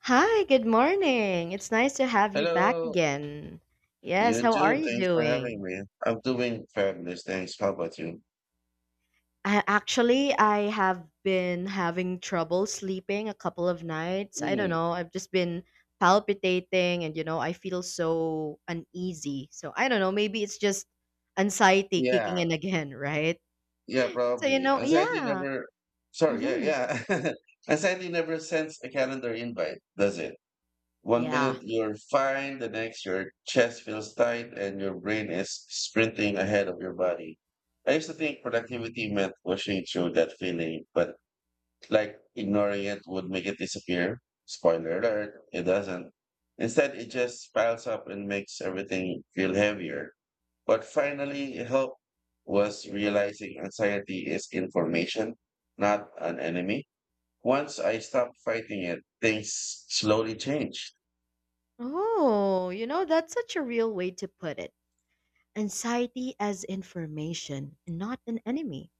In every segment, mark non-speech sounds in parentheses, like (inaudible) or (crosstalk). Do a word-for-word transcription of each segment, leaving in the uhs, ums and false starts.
Hi, good morning. It's nice to have you back Hello, again. Yes, you how are too. you Thanks for having doing? me. I'm doing fabulous. Thanks. How about you? I, actually, I have been having trouble sleeping a couple of nights. I don't Hmm. know. I've just been palpitating and, you know, I feel so uneasy. So I don't know. Maybe it's just anxiety yeah, kicking in again, (laughs) right? yeah, So, you probably. know, Anxiety yeah. never, sorry, Mm-hmm. yeah, yeah. (laughs) Anxiety never sends a calendar invite, does it? One Yeah. minute you're fine, the next your chest feels tight and your brain is sprinting ahead of your body. I used to think productivity meant pushing through that feeling, but Like ignoring it would make it disappear. Spoiler alert, it doesn't. Instead, it just piles up and makes everything feel heavier. What finally helped was realizing anxiety is information, not an enemy. Once I stopped fighting it, things slowly changed. Oh, you know, that's such a real way to put it. Anxiety as information, not an enemy.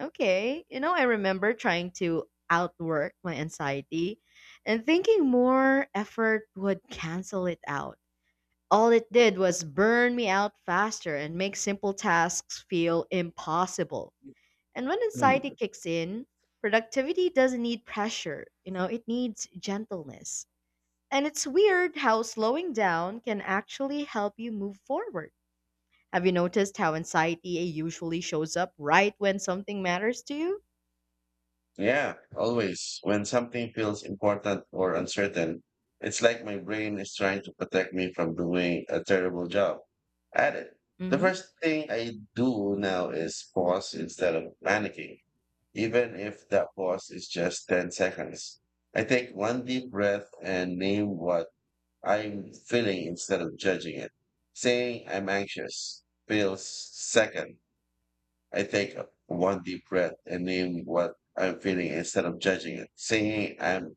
Okay. You know, I remember trying to outwork my anxiety and thinking more effort would cancel it out. All it did was burn me out faster and make simple tasks feel impossible. And when Hmm. anxiety kicks in, productivity doesn't need pressure, you know, it needs gentleness. And it's weird how slowing down can actually help you move forward. Have you noticed how anxiety usually shows up right when something matters to you? Yeah, always. When something feels important or uncertain, it's like my brain is trying to protect me from doing a terrible job at it. The first thing I do now is pause instead of panicking, even if that pause is just ten seconds. I take one deep breath and name what I'm feeling instead of judging it. Saying I'm anxious feels second I take one deep breath and name what I'm feeling instead of judging it. Saying I'm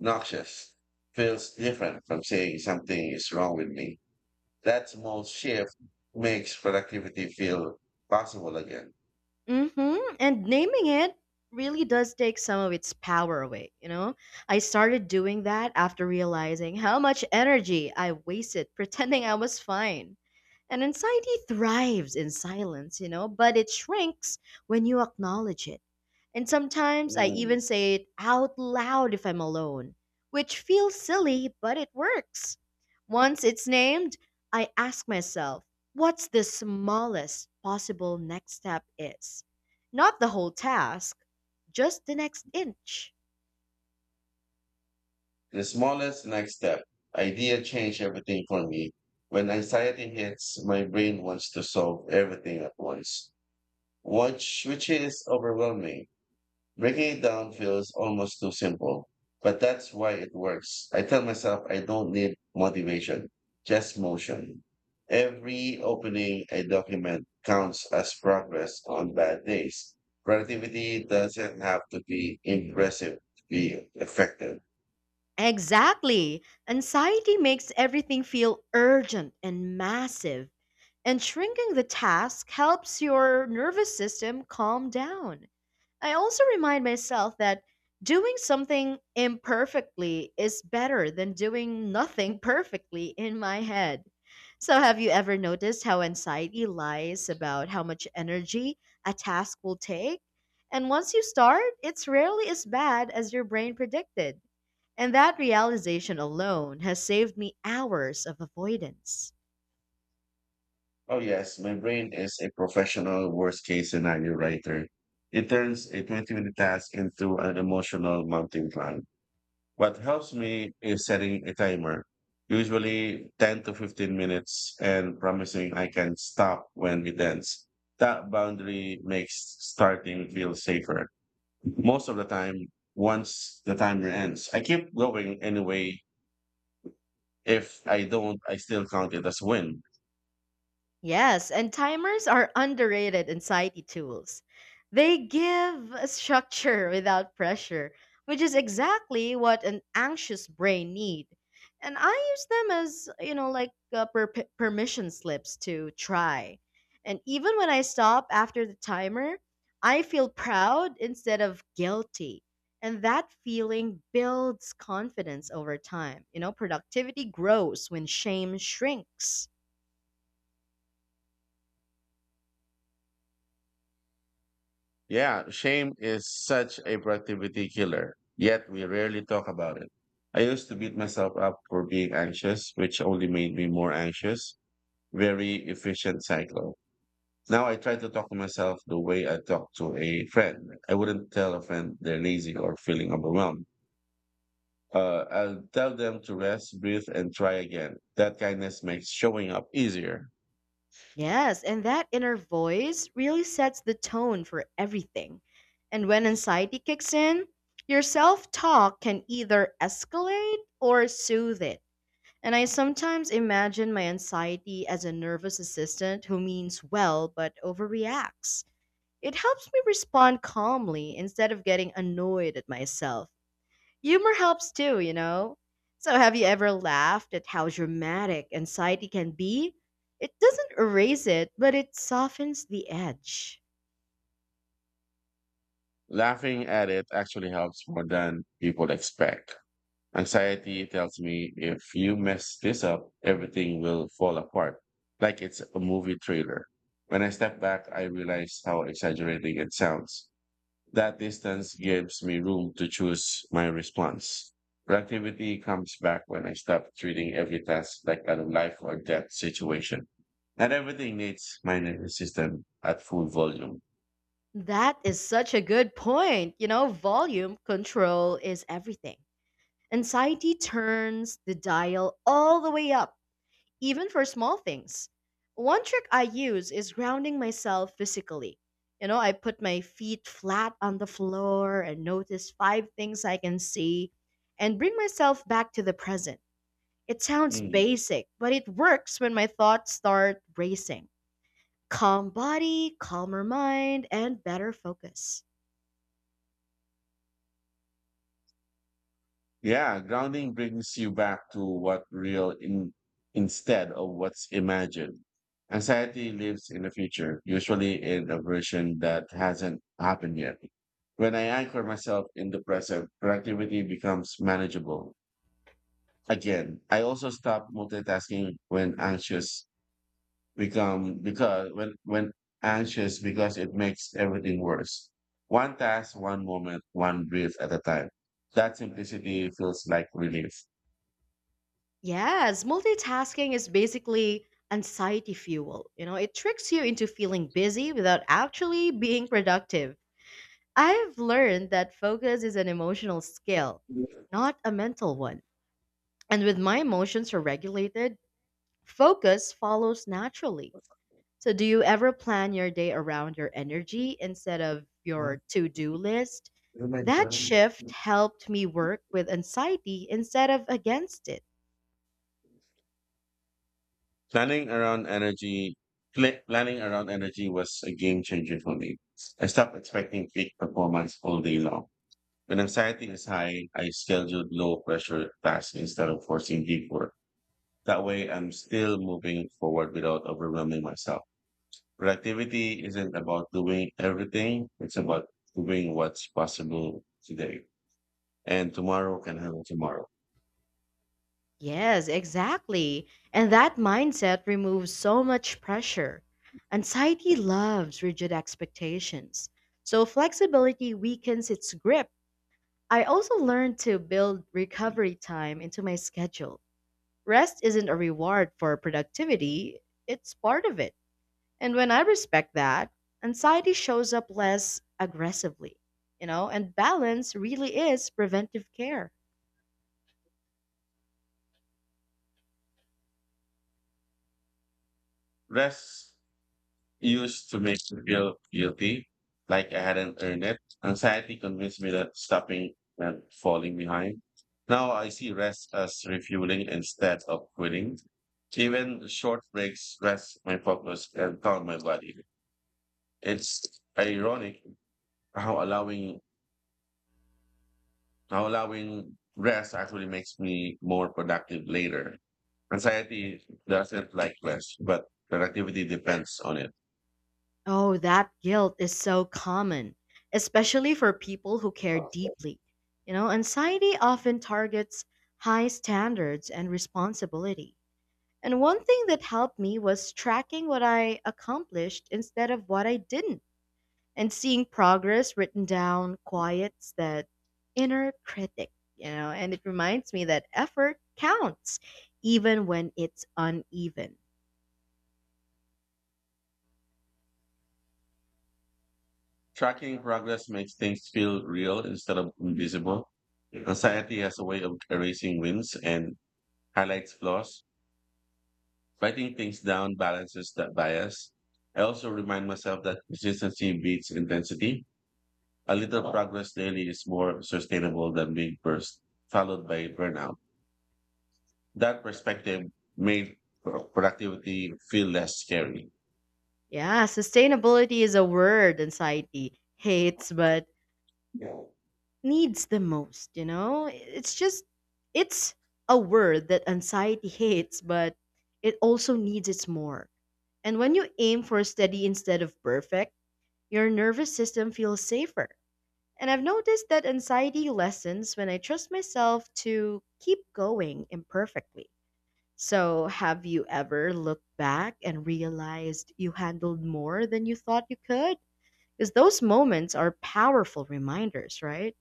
noxious feels different from saying something is wrong with me. That small shift makes productivity feel possible again. Mm-hmm. And naming it really does take some of its power away, you know? I started doing that after realizing how much energy I wasted pretending I was fine. And anxiety thrives in silence, you know, but it shrinks when you acknowledge it. And sometimes I Mm. even say it out loud if I'm alone, which feels silly, but it works. Once it's named, I ask myself, what's the smallest possible next step is? Not the whole task, just the next inch. The smallest next step idea changed everything for me. When anxiety hits, my brain wants to solve everything at once, which, which is overwhelming. Breaking it down feels almost too simple, but that's why it works. I tell myself I don't need motivation, just motion. Every opening I document counts as progress on bad days. Productivity doesn't have to be impressive to be effective. Exactly. Anxiety makes everything feel urgent and massive, and shrinking the task helps your nervous system calm down. I also remind myself that doing something imperfectly is better than doing nothing (laughs) perfectly in my head. So, have you ever noticed how anxiety lies about how much energy a task will take? And once you start, it's rarely as bad as your brain predicted. And that realization alone has saved me hours of avoidance. Oh, yes, my brain is a professional worst case scenario writer. It turns a twenty minute task into an emotional mountain climb. What helps me is setting a timer, usually ten to fifteen minutes, and promising I can stop when it ends. That boundary makes starting feel safer. Most of the time, once the timer ends, I keep going anyway. If I don't, I still count it as win. Yes, and timers are underrated anxiety tools. They give a structure (laughs) without pressure, which is exactly what an anxious brain need. And I use them as, you know, like uh, per- per- permission slips to try. And even when I stop after the timer, I feel proud instead of guilty. And that feeling builds confidence over time. You know, productivity grows when shame shrinks. Yeah, shame is such a productivity killer, yet we rarely talk about it. I used to beat myself up for being anxious, which only made me more anxious. Very efficient cycle. Now I try to talk to myself the way I talk to a friend. I wouldn't tell a friend they're lazy or feeling overwhelmed. Uh, I'll tell them to rest, breathe, and try again. That kindness makes showing up easier. Yes, and that inner voice really sets the tone for everything. And when anxiety kicks in, your self talk can either escalate or soothe it. And I sometimes imagine my anxiety as a nervous assistant who means well but overreacts. It helps me respond calmly instead of getting annoyed at myself. Humor helps too, you know? So, have you ever laughed at how dramatic anxiety can be? It doesn't erase it, but it softens the edge. Laughing at it actually helps more than people expect. Anxiety tells me if you mess this up, everything will fall apart, like it's a movie trailer. When I step back, I realize how exaggerating it sounds. That distance gives me room to choose my response. Productivity comes back when I stop treating every task like a life or death situation. Not everything needs my nervous system at full volume. That is such a good point. You know, volume control is everything. Anxiety turns the dial all the way up even for small things. One trick I use is grounding myself physically. You know, I put my feet flat on the floor and notice five things I can see and bring myself back to the present. It sounds Mm. basic, but it works when my thoughts start racing. Calm body, calmer mind, and better focus. Yeah, grounding brings you back to what real in, instead of what's imagined. Anxiety lives in the future, usually in a version that hasn't happened yet. When I anchor myself in the present, productivity becomes manageable again. I also stop multitasking when anxious become because when when anxious because it makes everything worse. One task, one moment, one breath at a time. That simplicity feels like relief. Yes, multitasking is basically anxiety fuel. You know, it tricks you into feeling busy without actually being productive. I've learned that focus is an emotional skill, not a mental one. And with my emotions are regulated, focus follows naturally. So, do you ever plan your day around your energy instead of your to do list? That shift helped me work with anxiety instead of against it. Planning around energy, pla- planning around energy was a game changer for me. I stopped expecting peak performance all day long. When anxiety is high, I scheduled low pressure tasks instead of forcing deep work. That way, I'm still moving forward without overwhelming myself. Productivity isn't about doing everything, it's about doing what's possible today. And tomorrow can happen tomorrow. Yes, exactly. And that mindset removes so much pressure. Anxiety loves rigid expectations, so flexibility weakens its grip. I also learned to build recovery time into my schedule. Rest isn't a reward for productivity, it's part of it. And when I respect that, anxiety shows up less aggressively, you know, and balance really is preventive care. Rest used to make me feel guilty, like I hadn't earned it. Anxiety convinced me that stopping and falling behind. Now I see rest as refueling instead of quitting. Even short breaks rest my focus and calm my body. It's ironic how allowing how allowing rest actually makes me more productive later. Anxiety doesn't like rest, but productivity depends on it. Oh, that guilt is so common, especially for people who care deeply. You know, anxiety often targets high standards and responsibility. And one thing that helped me was tracking what I accomplished instead of what I didn't, and seeing progress written down quiets that inner critic, you know, and it reminds me that effort counts even when it's uneven. Tracking progress makes things feel real instead of invisible. Anxiety has a way of erasing wins and highlights flaws. Writing things down balances that bias. I also remind myself that consistency beats intensity. A little progress daily is more sustainable than big bursts followed by burnout. That perspective made pro- productivity feel less scary. Yeah, sustainability is a word and society hates but needs the most, you know? It's just it's a word that anxiety hates, but it also needs it more. And when you aim for steady instead of perfect, your nervous system feels safer. And I've noticed that anxiety lessens when I trust myself to keep going imperfectly. So, have you ever looked back and realized you handled more than you thought you could? Because those moments are powerful reminders, right?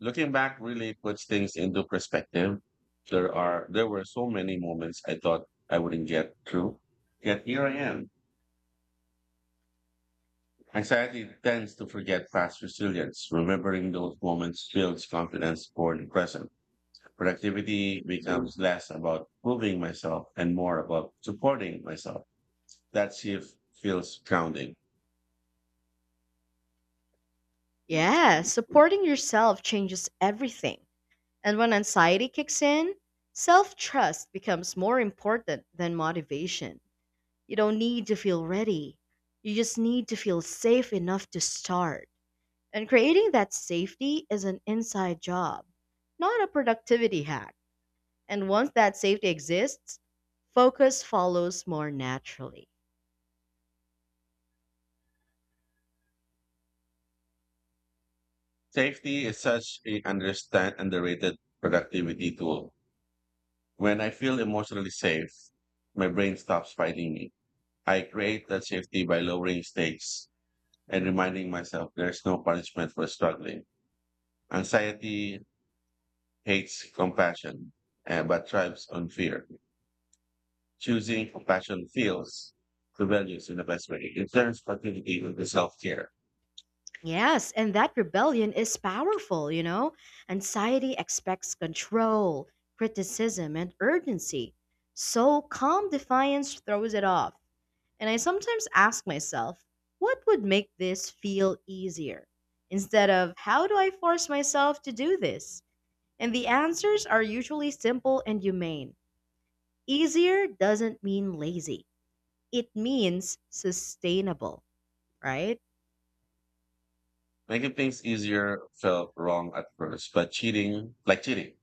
Looking back really puts things into perspective. There are there were so many moments I thought I wouldn't get through. Yet here I am. Anxiety tends to forget past resilience. Remembering those moments builds confidence for the present. Productivity becomes less about proving myself and more about supporting myself. That shift feels grounding. Yeah, supporting yourself changes everything. And when anxiety kicks in, self trust becomes more important than motivation. You don't need to feel ready, you just need to feel safe enough to start. And creating that safety is an inside job, not a productivity hack. And once that safety exists, focus follows more naturally. Safety is such a understand underrated productivity tool. When I feel emotionally safe, my brain stops fighting me. I create that safety by lowering stakes and reminding myself there's no punishment for struggling. Anxiety hates compassion, eh, but thrives on fear. Choosing compassion feels the values in the best way. It turns productivity into self-care. Yes, and that rebellion is powerful, you know? Anxiety expects control, criticism, and urgency. So calm defiance throws it off. And I sometimes ask myself, what would make this feel easier? Instead of, how do I force myself to do this? And the answers are usually simple and humane. Easier doesn't mean lazy, it means sustainable, right? Making things easier felt wrong at first, but cheating, like cheating,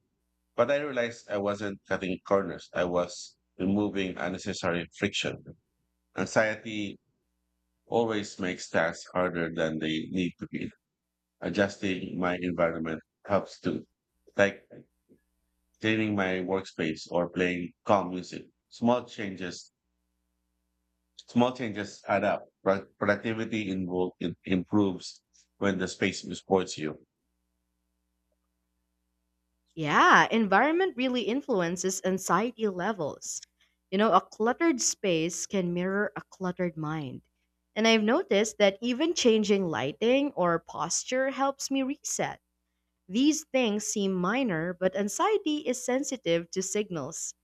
But I realized I wasn't cutting corners. I was removing unnecessary friction. Anxiety always makes tasks harder than they need to be. Adjusting my environment helps too, like cleaning my workspace or playing calm music. Small changes, small changes add up. Pro- Productivity invo- im- improves when the space supports you. Yeah, environment really influences anxiety levels. You know, a cluttered space can mirror a cluttered mind. And I've noticed that even changing lighting or posture helps me reset. These things seem minor, but anxiety is sensitive to signals.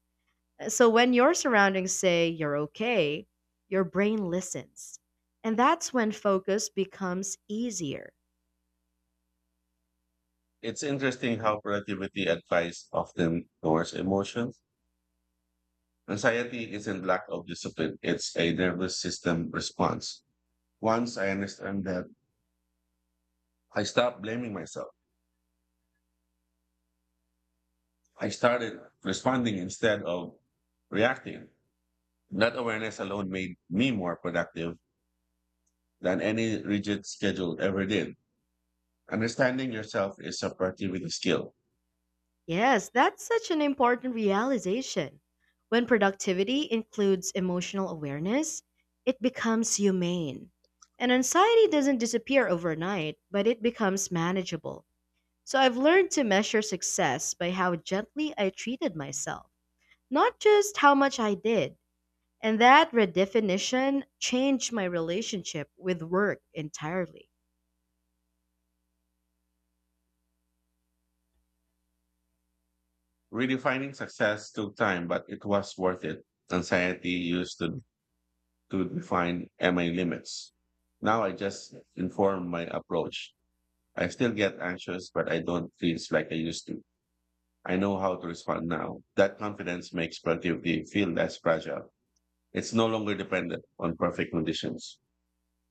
Uh, So when your surroundings say you're okay, your brain listens. And that's when focus becomes easier. It's interesting how productivity advice often ignores emotion. Anxiety isn't lack of discipline, it's a nervous system response. Once I understand that, I stopped blaming myself. I started responding instead of reacting. That awareness alone made me more productive than any rigid schedule ever did. Understanding yourself is a productivity skill. Yes, that's such an important realization. When productivity includes emotional awareness, it becomes humane. And anxiety doesn't disappear overnight, but it becomes manageable. So I've learned to measure success by how gently I treated myself, not just how much I did. And that redefinition changed my relationship with work entirely. Redefining success took time, but it was worth it. Anxiety used to, to define uh, my limits. Now I just inform my approach. I still get anxious, but I don't feel like I used to. I know how to respond now. That confidence makes productivity feel less fragile. It's no longer dependent on perfect conditions.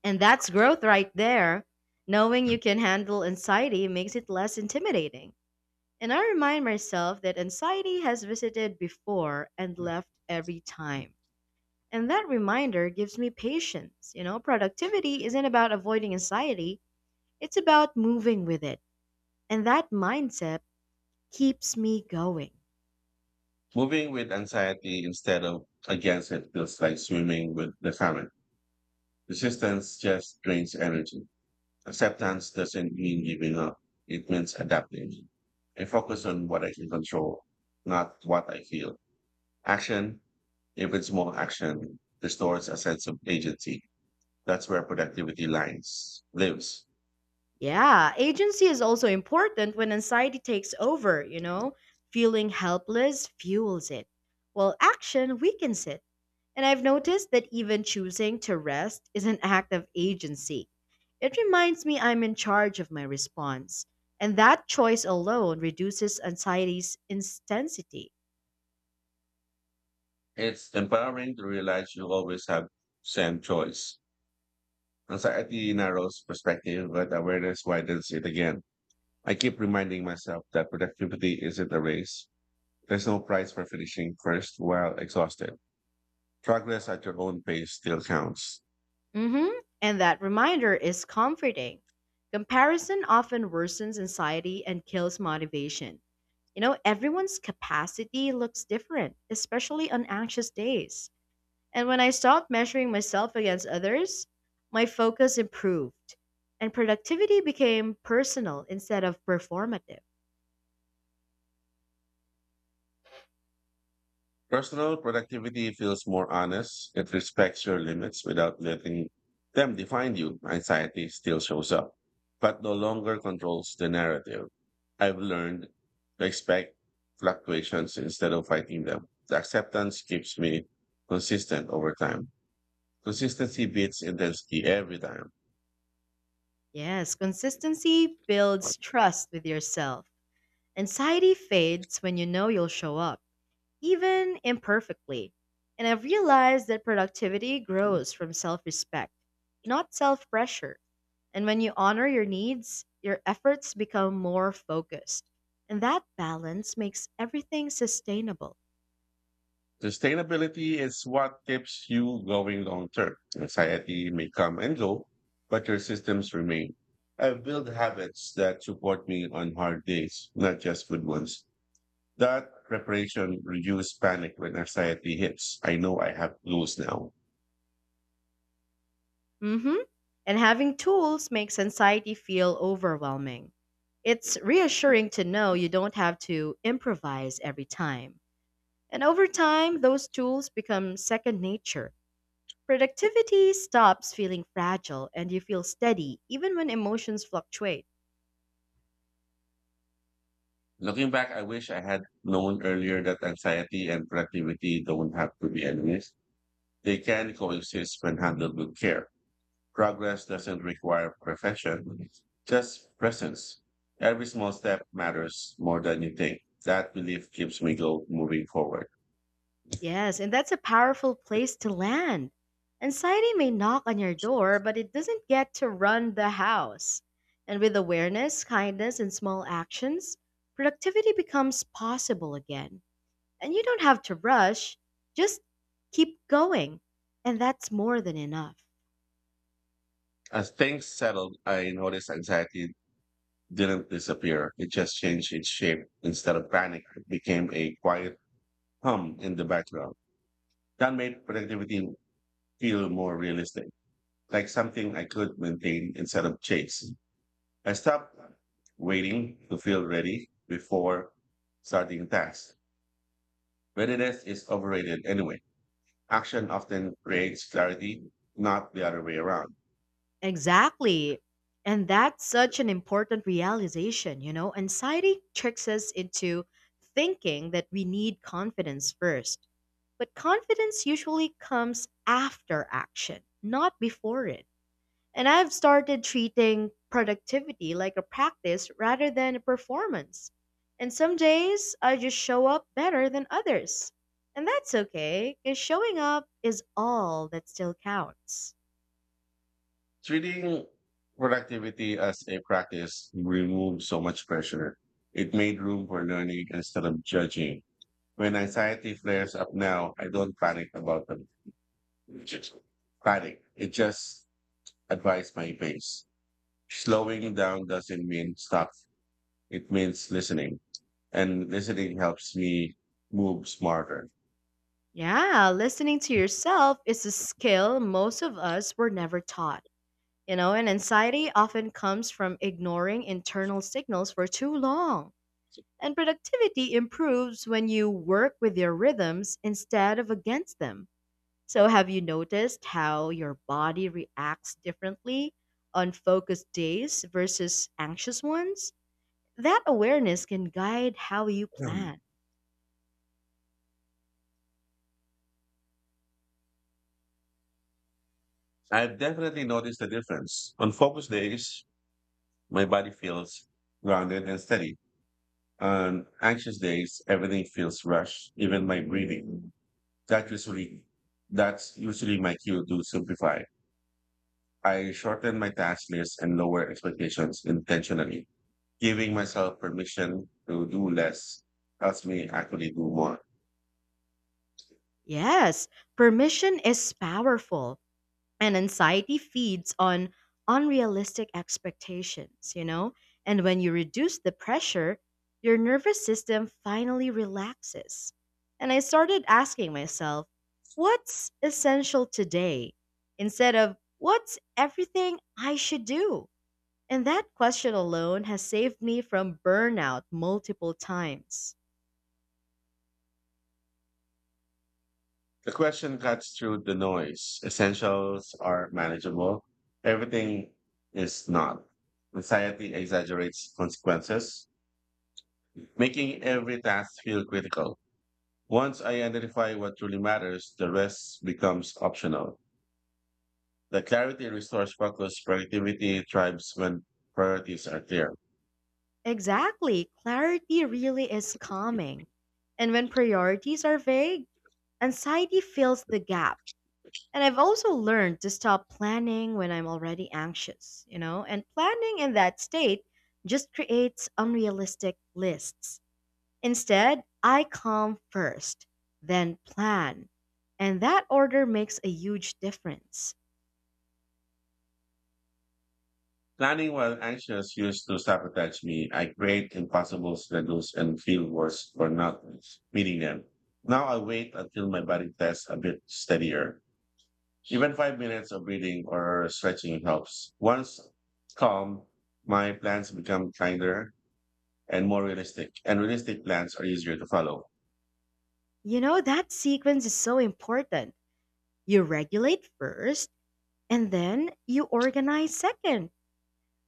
And that's growth right there. Knowing you can handle anxiety makes it less intimidating. And I remind myself that anxiety has visited before and Sure. left every time. And that reminder gives me patience. You know, productivity isn't about avoiding anxiety, it's about moving with it. And that mindset keeps me going. Moving with anxiety instead of against it feels like swimming with the current. Resistance just drains energy. Acceptance doesn't mean giving up. It means adapting. I focus on what I can control, not what I feel. Action, if it's more action, restores a sense of agency. That's where productivity lines lives. Yeah, agency is also important when anxiety takes over, you know, feeling helpless fuels it. While action weakens it. And I've noticed that even choosing to rest is an act of agency. It reminds me I'm in charge of my response, and that choice alone reduces anxiety's intensity. It's empowering to realize you always have same choice. Anxiety narrows perspective, but awareness widens it again. I keep reminding myself that productivity isn't a race. There's no prize for finishing first while exhausted. Progress at your own pace still counts. Hmm. And that reminder is comforting. Comparison often worsens anxiety and kills motivation. You know, everyone's capacity looks different, especially on anxious days. And when I stopped measuring myself against others, my focus improved and productivity became personal instead of performative. Personal productivity feels more honest. It respects your limits without letting them define you. Anxiety still shows up, but no longer controls the narrative. I've learned to expect fluctuations instead of fighting them. The acceptance keeps me consistent over time. Consistency beats intensity every time. Yes, consistency builds trust with yourself. Anxiety fades when you know you'll show up, even imperfectly. And I've realized that productivity grows from self respect, not self pressure. And when you honor your needs, your efforts become more focused. And that balance makes everything sustainable. Sustainability is what keeps you going long term. Society may come and go, but your systems remain. I've built habits that support me on hard days, not just good ones. That preparation reduces panic when anxiety hits. I know I have goals now. Hmm. And having tools makes anxiety feel overwhelming. It's reassuring to know you don't have to improvise every time. And over time, those tools become second nature. Productivity stops feeling fragile and you feel steady even when emotions fluctuate. Looking back, I wish I had known earlier that anxiety and productivity don't have to be enemies. They can coexist when handled with care. Progress doesn't require perfection, just presence. Every small step matters more than you think. That belief keeps me go moving forward. Yes, and that's a powerful place to land. Anxiety may knock on your door, but it doesn't get to run the house. And with awareness, kindness, and small actions, productivity becomes possible again. And you don't have to rush, just keep going. And that's more than enough. As things settled, I noticed anxiety didn't disappear. It just changed its shape. Instead of panic, it became a quiet hum in the background. That made productivity feel more realistic, like something I could maintain instead of chase. I stopped waiting to feel ready before starting tasks. Readiness is overrated anyway. Action often creates clarity, not the other way around. Exactly. And that's such an important realization, you know. Anxiety tricks us into thinking that we need confidence first. But confidence usually comes after action, not before it. And I've started treating productivity like a practice rather than a performance. And some days I just show up better than others. And that's okay, because showing up is all that still counts. Treating productivity as a practice removed so much pressure. It made room for learning instead of judging. When anxiety flares up now, I don't panic about them. Just panic. It just advises my pace. Slowing down doesn't mean stop. It means listening, and listening helps me move smarter. Yeah, listening to yourself is a skill most of us were never taught. You know, and anxiety often comes from ignoring internal signals for too long. And productivity improves when you work with your rhythms instead of against them. So, have you noticed how your body reacts differently on focused days versus anxious ones? That awareness can guide how you Um, plan. I've definitely noticed the difference. On focus days, my body feels grounded and steady. On anxious days, everything feels rushed, even my breathing. That usually that's usually my cue to simplify. I shorten my task list and lower expectations intentionally. Giving myself permission to do less helps me actually do more. Yes, permission is powerful and anxiety feeds on unrealistic expectations, you know? And when you reduce the pressure, your nervous system finally relaxes. And I started asking myself, what's essential today? Instead of, what's everything I should do? And that question alone has saved me from burnout multiple times. The question cuts through the noise. Essentials are manageable. Everything is not. Anxiety exaggerates consequences, making every task feel critical. Once I identify what truly matters, the rest becomes optional. The clarity restores focus. Productivity thrives when priorities are clear. Exactly, clarity really is calming. And when priorities are vague, anxiety fills the gap. And I've also learned to stop planning when I'm already anxious, you know? And planning in that state just creates unrealistic lists. Instead, I calm first, then plan. And that order makes a huge difference. Planning while anxious used to sabotage me. I create impossible schedules and feel worse for not meeting them. Now I wait until my body feels a bit steadier. Even five minutes of breathing or stretching helps. Once calm, my plans become kinder and more realistic, and realistic plans are easier to follow. You know, that sequence is so important. You regulate first, and then you organize second.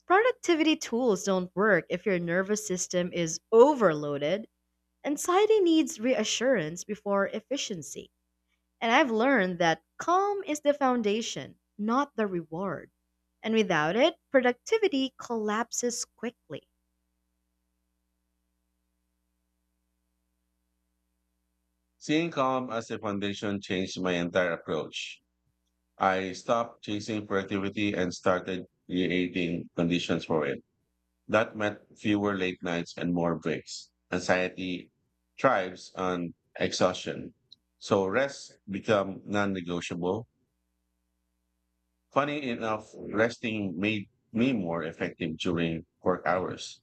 Productivity tools don't work if your nervous system is overloaded. Anxiety needs reassurance before efficiency. And I've learned that calm is the foundation, not the reward. And without it, productivity collapses quickly. Seeing calm as a foundation changed my entire approach. I stopped chasing productivity and started creating conditions for it. That meant fewer late nights and more breaks. Anxiety thrives on exhaustion. So rest become non-negotiable. Funny enough, resting made me more effective during work hours.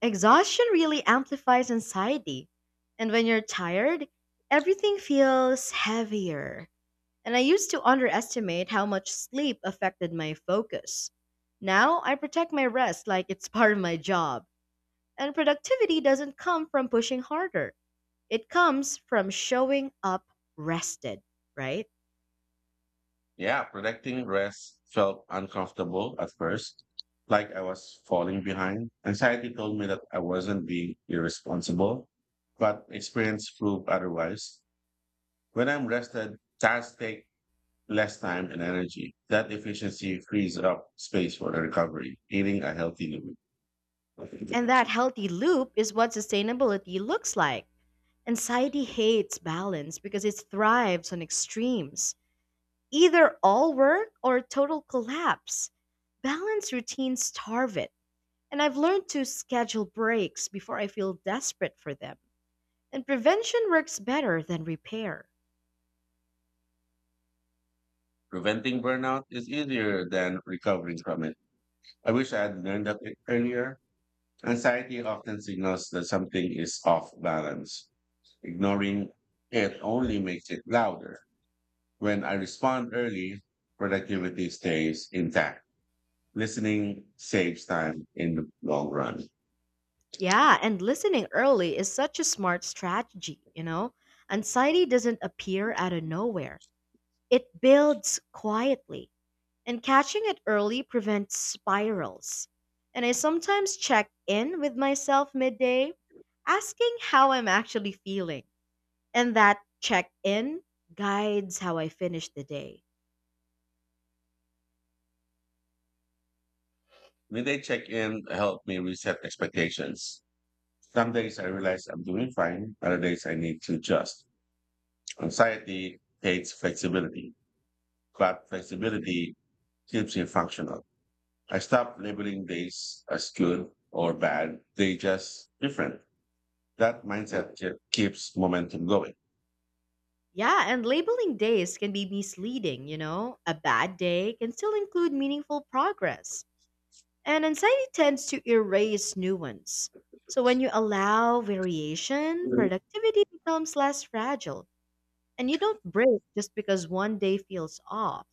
Exhaustion really amplifies anxiety. And when you're tired, everything feels heavier. And I used to underestimate how much sleep affected my focus. Now I protect my rest like it's (laughs) part of my job. And productivity doesn't come from pushing harder. It comes from showing up rested, right? Yeah, protecting rest felt uncomfortable at first, like I was falling behind. Anxiety told me that I wasn't being irresponsible, but experience proved otherwise. When I'm rested, tasks take less time and energy. That efficiency frees up space for the recovery, eating a healthy living. And that healthy loop is what sustainability looks like. Anxiety hates balance because it thrives on extremes either all work or total collapse. Balance routines starve it. And I've learned to schedule breaks before I feel desperate for them. And prevention works better than repair. Preventing burnout is easier than recovering from it. I wish I had learned that earlier. Anxiety often signals that something is off balance. Ignoring it only makes it louder. When I respond early, productivity stays intact. Listening saves time in the long run. Yeah, and listening early is such a smart strategy, you know? Anxiety doesn't appear out of nowhere. It builds quietly, and catching it early prevents spirals. And I sometimes check in with myself midday, asking how I'm actually feeling. And that check in guides how I finish the day. Midday check-in helped me reset expectations. Some days I realize I'm doing fine. Other days I need to adjust. Anxiety hates flexibility, but flexibility keeps you functional. I stopped labeling days as good or bad. They just different. That mindset ke- keeps momentum going. Yeah, and labeling days can be misleading, you know? A bad day can still include meaningful progress. And anxiety tends to erase nuance. So when you allow variation, productivity becomes less fragile. And you don't break just because one day feels off.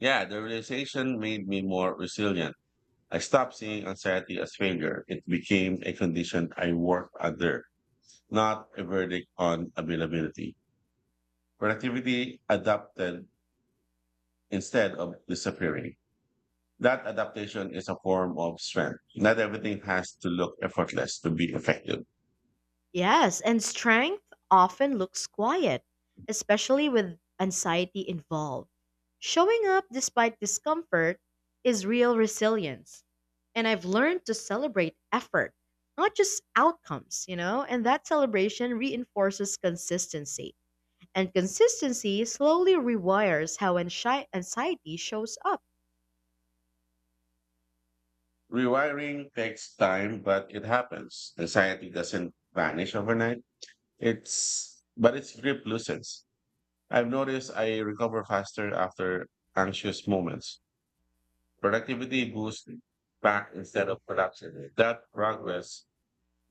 Yeah, the realization made me more resilient. I stopped seeing anxiety as failure. It became a condition I worked under, not a verdict on availability. Productivity adapted instead of disappearing. That adaptation is a form of strength. Not everything has to look effortless to be effective. Yes, and strength often looks quiet, especially with anxiety involved. Showing up despite discomfort is real resilience. And I've learned to celebrate effort, not just outcomes, you know, and that celebration reinforces consistency. And consistency slowly rewires how anxi- anxiety shows up. Rewiring takes time, but it happens. Anxiety doesn't vanish overnight. It's but its grip loosens. I've noticed I recover faster after anxious moments. Productivity boosts back instead of production. That progress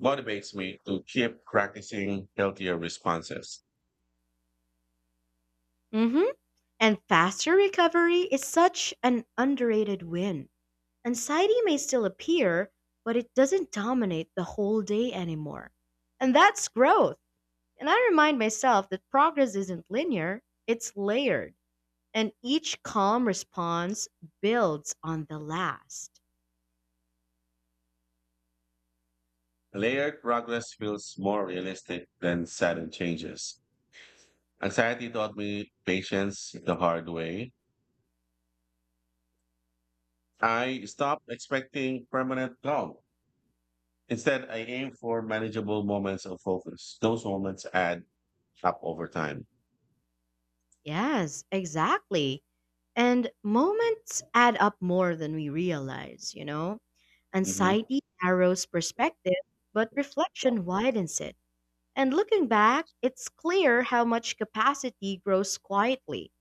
motivates me to keep practicing healthier responses. Hmm. And faster recovery is such an underrated win. Anxiety may still appear, but it doesn't dominate the whole day anymore. And that's growth. And I remind myself that progress isn't linear, it's layered. And each calm response builds on the last. Layered progress feels more realistic than sudden changes. Anxiety taught me patience the hard way. I stopped expecting permanent calm. Instead, I aim for manageable moments of focus. Those moments add up over time. Yes, exactly. And moments add up more than we realize, you know? Mm-hmm. Anxiety narrows perspective, but reflection widens it. And looking back, it's clear how much capacity grows quietly.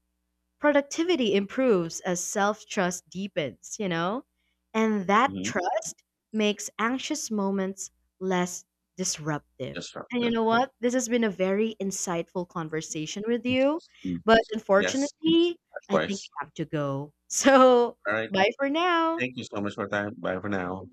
Productivity improves as self trust deepens, you know? And that Mm-hmm. trust makes anxious moments less disruptive. Yes, sir. And you Yep. know what? This has been a very insightful conversation with you. Mm. But Yes, unfortunately, I think likewise. I have to go. (laughs) So, All right. bye for now. Thank you so much for your time. Bye for now.